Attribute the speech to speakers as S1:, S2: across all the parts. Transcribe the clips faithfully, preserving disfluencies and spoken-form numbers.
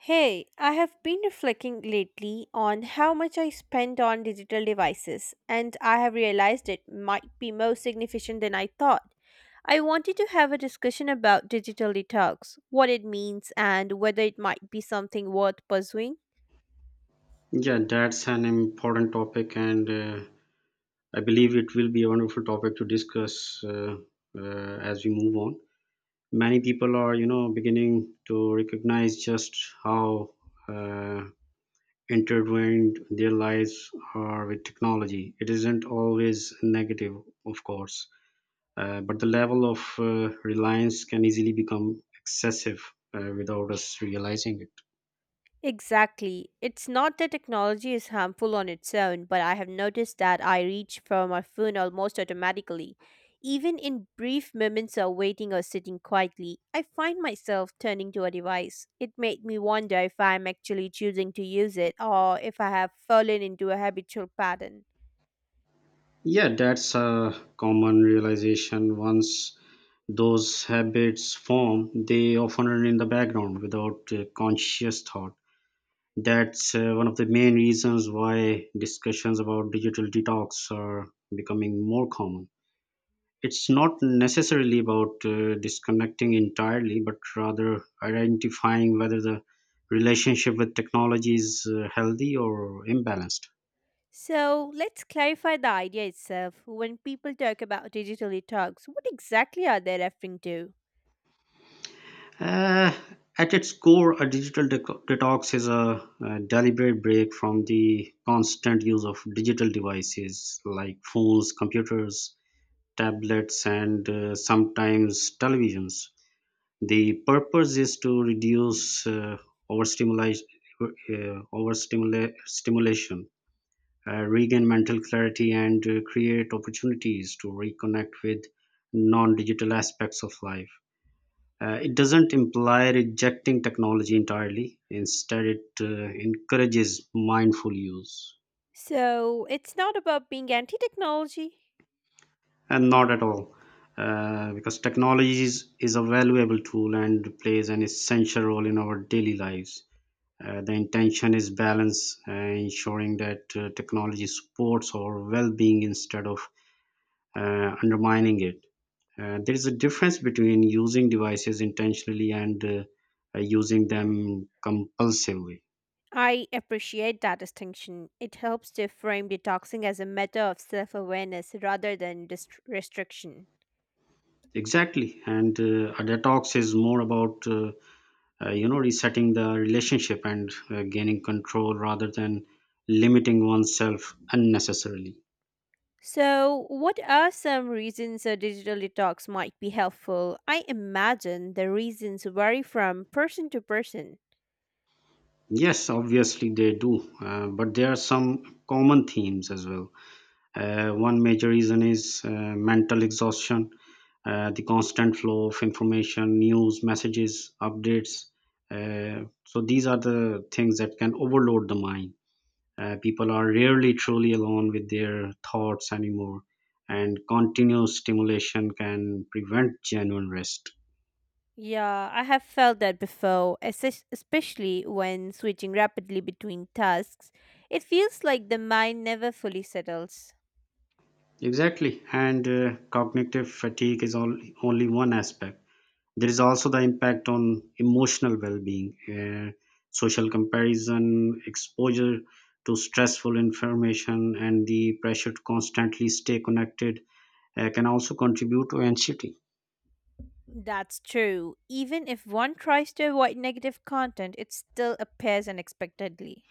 S1: Hey, I have been reflecting lately on how much I spend on digital devices, and I have realized it might be more significant than I thought. I wanted to have a discussion about digital detox, what it means, and whether it might be something worth pursuing.
S2: Yeah, that's an important topic, and uh, I believe it will be a wonderful topic to discuss uh, uh, as we move on. Many people are, you know, beginning to recognize just how uh, intertwined their lives are with technology. It isn't always negative, of course, uh, but the level of uh, reliance can easily become excessive uh, without us realizing it.
S1: Exactly. It's not that technology is harmful on its own, but I have noticed that I reach for my phone almost automatically. Even in brief moments of waiting or sitting quietly, I find myself turning to a device. It made me wonder if I'm actually choosing to use it or if I have fallen into a habitual pattern.
S2: Yeah, that's a common realization. Once those habits form, they often run in the background without uh, conscious thought. That's uh, one of the main reasons why discussions about digital detox are becoming more common. It's not necessarily about uh, disconnecting entirely, but rather identifying whether the relationship with technology is uh, healthy or imbalanced.
S1: So let's clarify the idea itself. When people talk about digital detox, what exactly are they referring to?
S2: Uh, at its core, a digital deco- detox is a, a deliberate break from the constant use of digital devices like phones, computers, tablets, and uh, sometimes televisions. The purpose is to reduce uh, overstimulation, uh, overstimula- stimulation, uh, regain mental clarity, and uh, create opportunities to reconnect with non digital aspects of life uh, it doesn't imply rejecting technology entirely. Instead, it uh, encourages mindful use.
S1: So it's not about being anti technology.
S2: And not at all, uh, because technology is, is a valuable tool and plays an essential role in our daily lives. Uh, the intention is balance, uh, ensuring that uh, technology supports our well being instead of uh, undermining it. Uh, there is a difference between using devices intentionally and uh, uh, using them compulsively.
S1: I appreciate that distinction. It helps to frame detoxing as a matter of self awareness rather than dist- restriction.
S2: Exactly, and uh, a detox is more about uh, uh, you know resetting the relationship and uh, gaining control rather than limiting oneself unnecessarily.
S1: So, what are some reasons a digital detox might be helpful? I imagine the reasons vary from person to person.
S2: Yes, obviously they do, uh, but there are some common themes as well. Uh, one major reason is uh, mental exhaustion, uh, the constant flow of information, news, messages, updates. Uh, so these are the things that can overload the mind. Uh, people are rarely truly alone with their thoughts anymore, and continuous stimulation can prevent genuine rest.
S1: Yeah, I have felt that before, es- especially when switching rapidly between tasks. It feels like the mind never fully settles.
S2: Exactly, and uh, cognitive fatigue is all, only one aspect. There is also the impact on emotional well being, uh, social comparison, exposure to stressful information, and the pressure to constantly stay connected uh, can also contribute to anxiety.
S1: That's true. Even if one tries to avoid negative content, it still appears unexpectedly.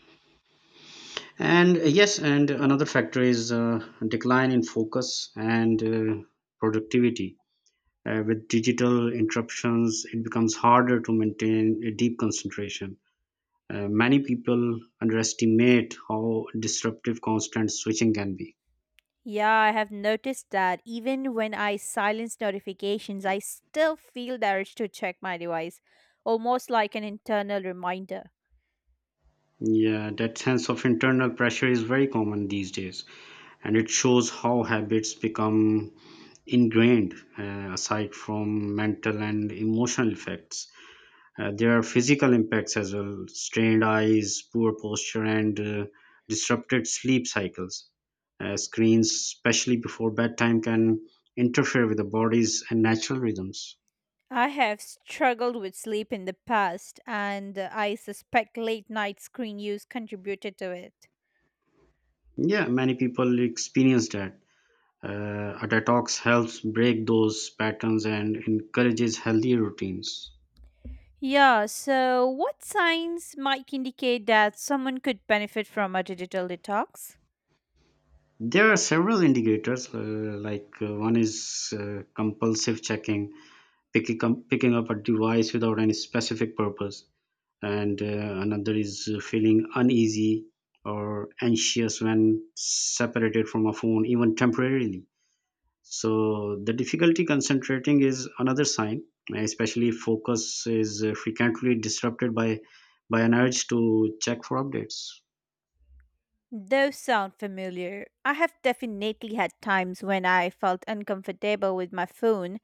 S2: And uh, yes, and another factor is uh, decline in focus and uh, productivity. Uh, with digital interruptions, it becomes harder to maintain a deep concentration. Uh, many people underestimate how disruptive constant switching can be.
S1: Yeah, I have noticed that even when I silence notifications, I still feel the urge to check my device, almost like an internal reminder.
S2: Yeah, that sense of internal pressure is very common these days, and it shows how habits become ingrained. Uh, aside from mental and emotional effects, Uh, there are physical impacts as well: strained eyes, poor posture, and uh, disrupted sleep cycles. Uh, screens, especially before bedtime, can interfere with the body's natural rhythms.
S1: I have struggled with sleep in the past, and I suspect late night screen use contributed to it.
S2: Yeah, many people experience that. Uh, a detox helps break those patterns and encourages healthy routines.
S1: Yeah, so what signs might indicate that someone could benefit from a digital detox?
S2: There are several indicators, uh, like uh, one is uh, compulsive checking, picking, up- picking up a device without any specific purpose, and uh, another is uh, feeling uneasy or anxious when separated from a phone even temporarily. So the difficulty concentrating is another sign, especially if focus is uh, frequently disrupted by by an urge to check for updates.
S1: Those sound familiar. I have definitely had times when I felt uncomfortable with my phone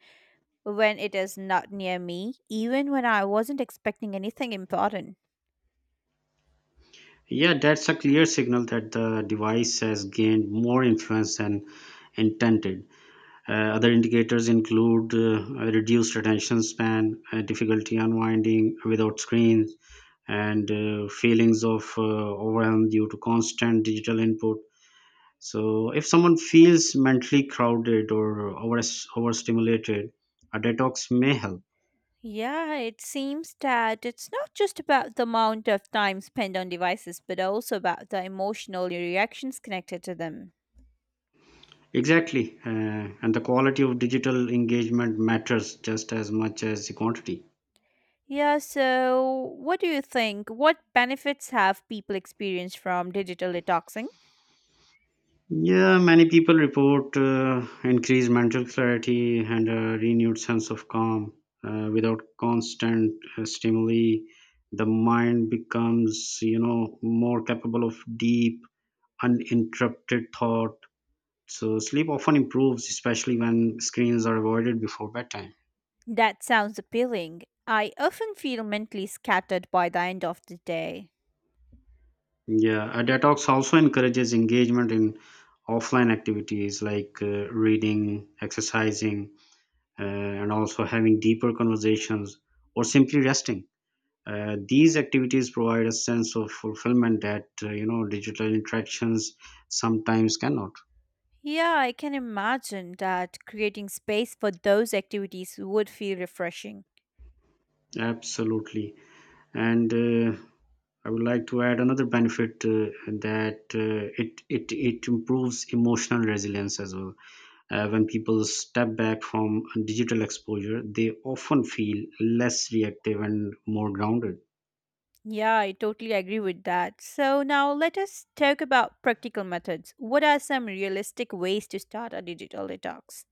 S1: when it is not near me, even when I wasn't expecting anything important.
S2: Yeah, that's a clear signal that the device has gained more influence than intended. Uh, other indicators include uh, a reduced attention span, uh, difficulty unwinding without screens, and uh, feelings of uh, overwhelm due to constant digital input. So, if someone feels mentally crowded or over overstimulated, a detox may help.
S1: Yeah, it seems that it's not just about the amount of time spent on devices, but also about the emotional reactions connected to them.
S2: Exactly, uh, and the quality of digital engagement matters just as much as the quantity.
S1: Yeah, so what do you think? What benefits have people experienced from digital detoxing?
S2: Yeah, many people report uh, increased mental clarity and a renewed sense of calm. Uh, without constant uh, stimuli, the mind becomes, you know, more capable of deep, uninterrupted thought. So sleep often improves, especially when screens are avoided before bedtime.
S1: That sounds appealing. I often feel mentally scattered by the end of the day.
S2: Yeah, a detox also encourages engagement in offline activities like uh, reading, exercising, uh, and also having deeper conversations or simply resting. Uh, these activities provide a sense of fulfillment that uh, you know digital interactions sometimes cannot.
S1: Yeah, I can imagine that creating space for those activities would feel refreshing.
S2: Absolutely, and uh, I would like to add another benefit, uh, that uh, it it it improves emotional resilience as well. Uh, when people step back from digital exposure, they often feel less reactive and more grounded.
S1: Yeah, I totally agree with that. So now let us talk about practical methods. What are some realistic ways to start a digital detox?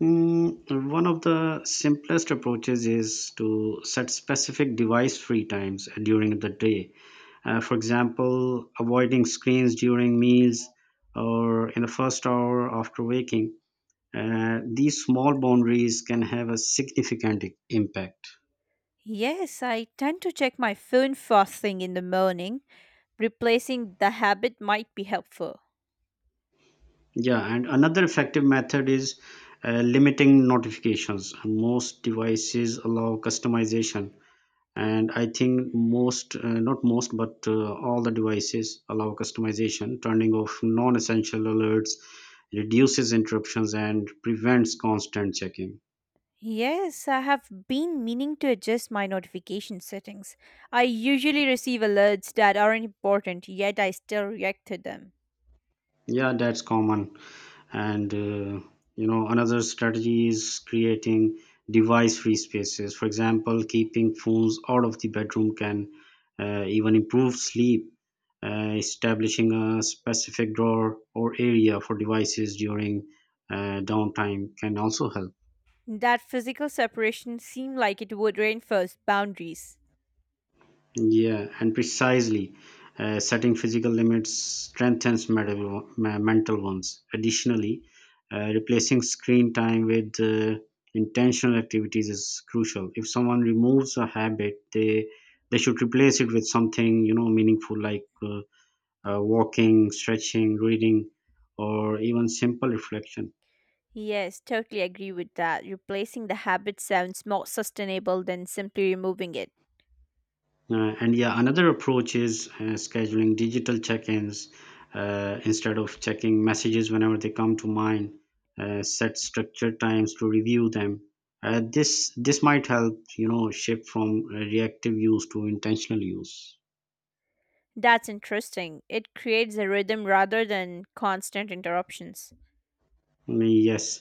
S2: Mm, one of the simplest approaches is to set specific device free times during the day. Uh, for example, avoiding screens during meals or in the first hour after waking. Uh, these small boundaries can have a significant i- impact.
S1: Yes, I tend to check my phone first thing in the morning. Replacing the habit might be helpful.
S2: Yeah, and another effective method is uh, limiting notifications. Most devices allow customization, and I think most uh, not most but uh, all the devices allow customization. Turning off non-essential alerts reduces interruptions and prevents constant checking.
S1: Yes, I have been meaning to adjust my notification settings. I usually receive alerts that aren't important, yet I still react to them.
S2: Yeah, that's common. And uh, you know another strategy is creating device free spaces. For example, keeping phones out of the bedroom can uh, even improve sleep. Uh, establishing a specific drawer or area for devices during uh, downtime can also help.
S1: That physical separation seemed like it would reinforce boundaries.
S2: Yeah, and precisely, uh, setting physical limits strengthens meta- me- mental ones. Additionally, uh, replacing screen time with uh, intentional activities is crucial. If someone removes a habit, they they should replace it with something you know meaningful, like uh, uh, walking, stretching, reading, or even simple reflection.
S1: Yes, totally agree with that. Replacing the habit sounds more sustainable than simply removing it.
S2: Uh, and yeah, another approach is uh, scheduling digital check-ins uh, instead of checking messages whenever they come to mind. Uh, set structured times to review them. Uh, this this might help you know shift from uh, reactive use to intentional use.
S1: That's interesting. It creates a rhythm rather than constant interruptions.
S2: Mm, Yes,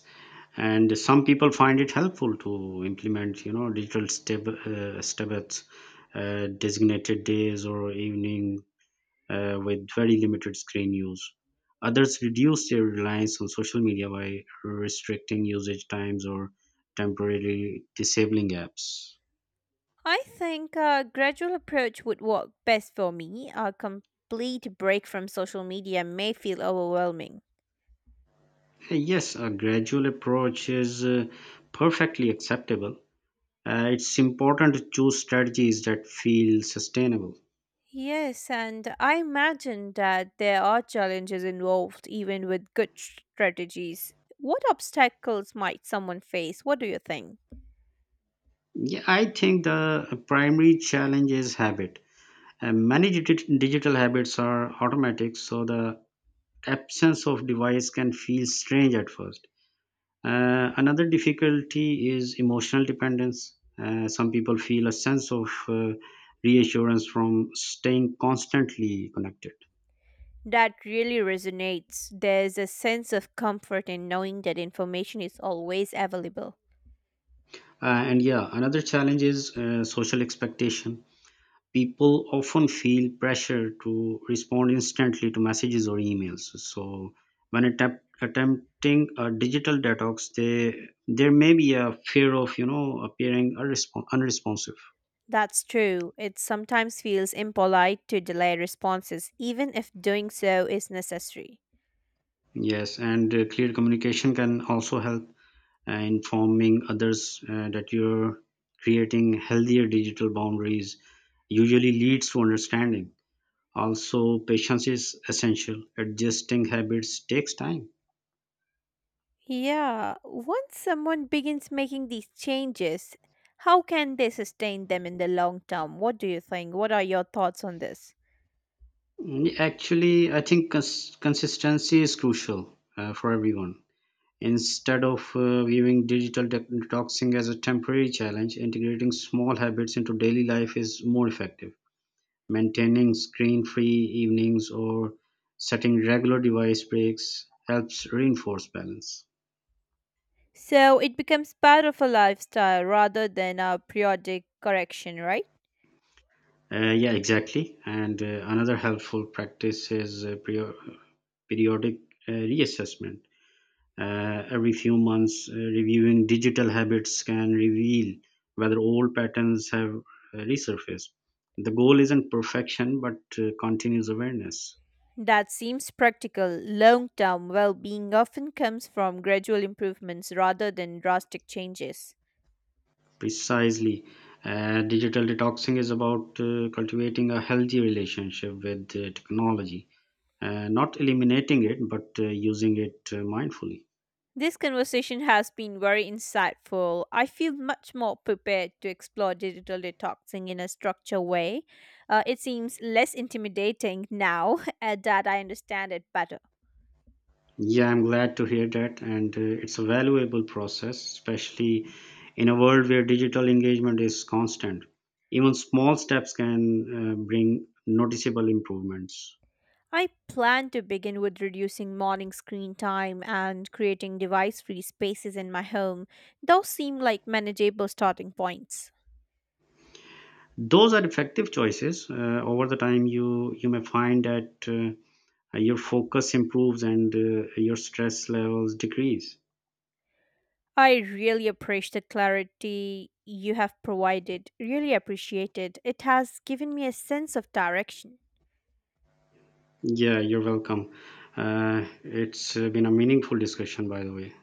S2: and some people find it helpful to implement, you know, digital stab uh, Stabbats, uh, designated days or evening uh, with very limited screen use. Others reduce their reliance on social media by restricting usage times or temporarily disabling apps. Uh,
S1: I think a gradual approach would work best for me. A complete break from social media may feel overwhelming.
S2: Yes, a gradual approach is uh, perfectly acceptable. Uh, it's important to choose strategies that feel sustainable.
S1: Yes, and I imagine that there are challenges involved even with good strategies. What obstacles might someone face? What do you think?
S2: Yeah, I think the primary challenge is habit. Uh, many digi- digital habits are automatic, so the absence of device can feel strange at first. Uh, another difficulty is emotional dependence. Uh, some people feel a sense of uh, reassurance from staying constantly connected.
S1: That really resonates. There's a sense of comfort in knowing that information is always available.
S2: Uh, and yeah, another challenge is uh, social expectation. People often feel pressure to respond instantly to messages or emails. So when attempt, attempting a digital detox, they, there may be a fear of you know appearing unrespon- unresponsive.
S1: That's true. It sometimes feels impolite to delay responses, even if doing so is necessary.
S2: Yes, and uh, clear communication can also help, uh, informing others uh, that you're creating healthier digital boundaries usually leads to understanding. Also, patience is essential. Adjusting habits takes time.
S1: Yeah, once someone begins making these changes, how can they sustain them in the long term? What do you think? What are your thoughts on this?
S2: Mm, Actually, I think cons- consistency is crucial uh, for everyone. Instead of uh, viewing digital de- detoxing as a temporary challenge, integrating small habits into daily life is more effective. Maintaining screen-free evenings or setting regular device breaks helps reinforce balance.
S1: So it becomes part of a lifestyle rather than a periodic correction, right?
S2: Uh, yeah, exactly. And uh, another helpful practice is uh, perio- periodic uh, reassessment. Uh, every few months, uh, reviewing digital habits can reveal whether old patterns have uh, resurfaced. The goal isn't perfection, but uh, continuous awareness.
S1: That seems practical. Long term well being often comes from gradual improvements rather than drastic changes.
S2: Precisely. Uh, digital detoxing is about uh, cultivating a healthy relationship with uh, technology, uh, not eliminating it, but uh, using it uh, mindfully.
S1: This conversation has been very insightful. I feel much more prepared to explore digital detoxing in a structured way. Uh, it seems less intimidating now uh, that I understand it better.
S2: Yeah, I'm glad to hear that. And uh, it's a valuable process, especially in a world where digital engagement is constant. Even small steps can uh, bring noticeable improvements.
S1: I plan to begin with reducing morning screen time and creating device free spaces in my home. Those seem like manageable starting points.
S2: Those are effective choices. Uh, over the time, you you may find that. Uh, Uh, your focus improves and uh, your stress levels decrease.
S1: I really appreciate the clarity you have provided. Really appreciate it. It has given me a sense of direction.
S2: Yeah, you're welcome. Uh, it's uh, been a meaningful discussion, by the way.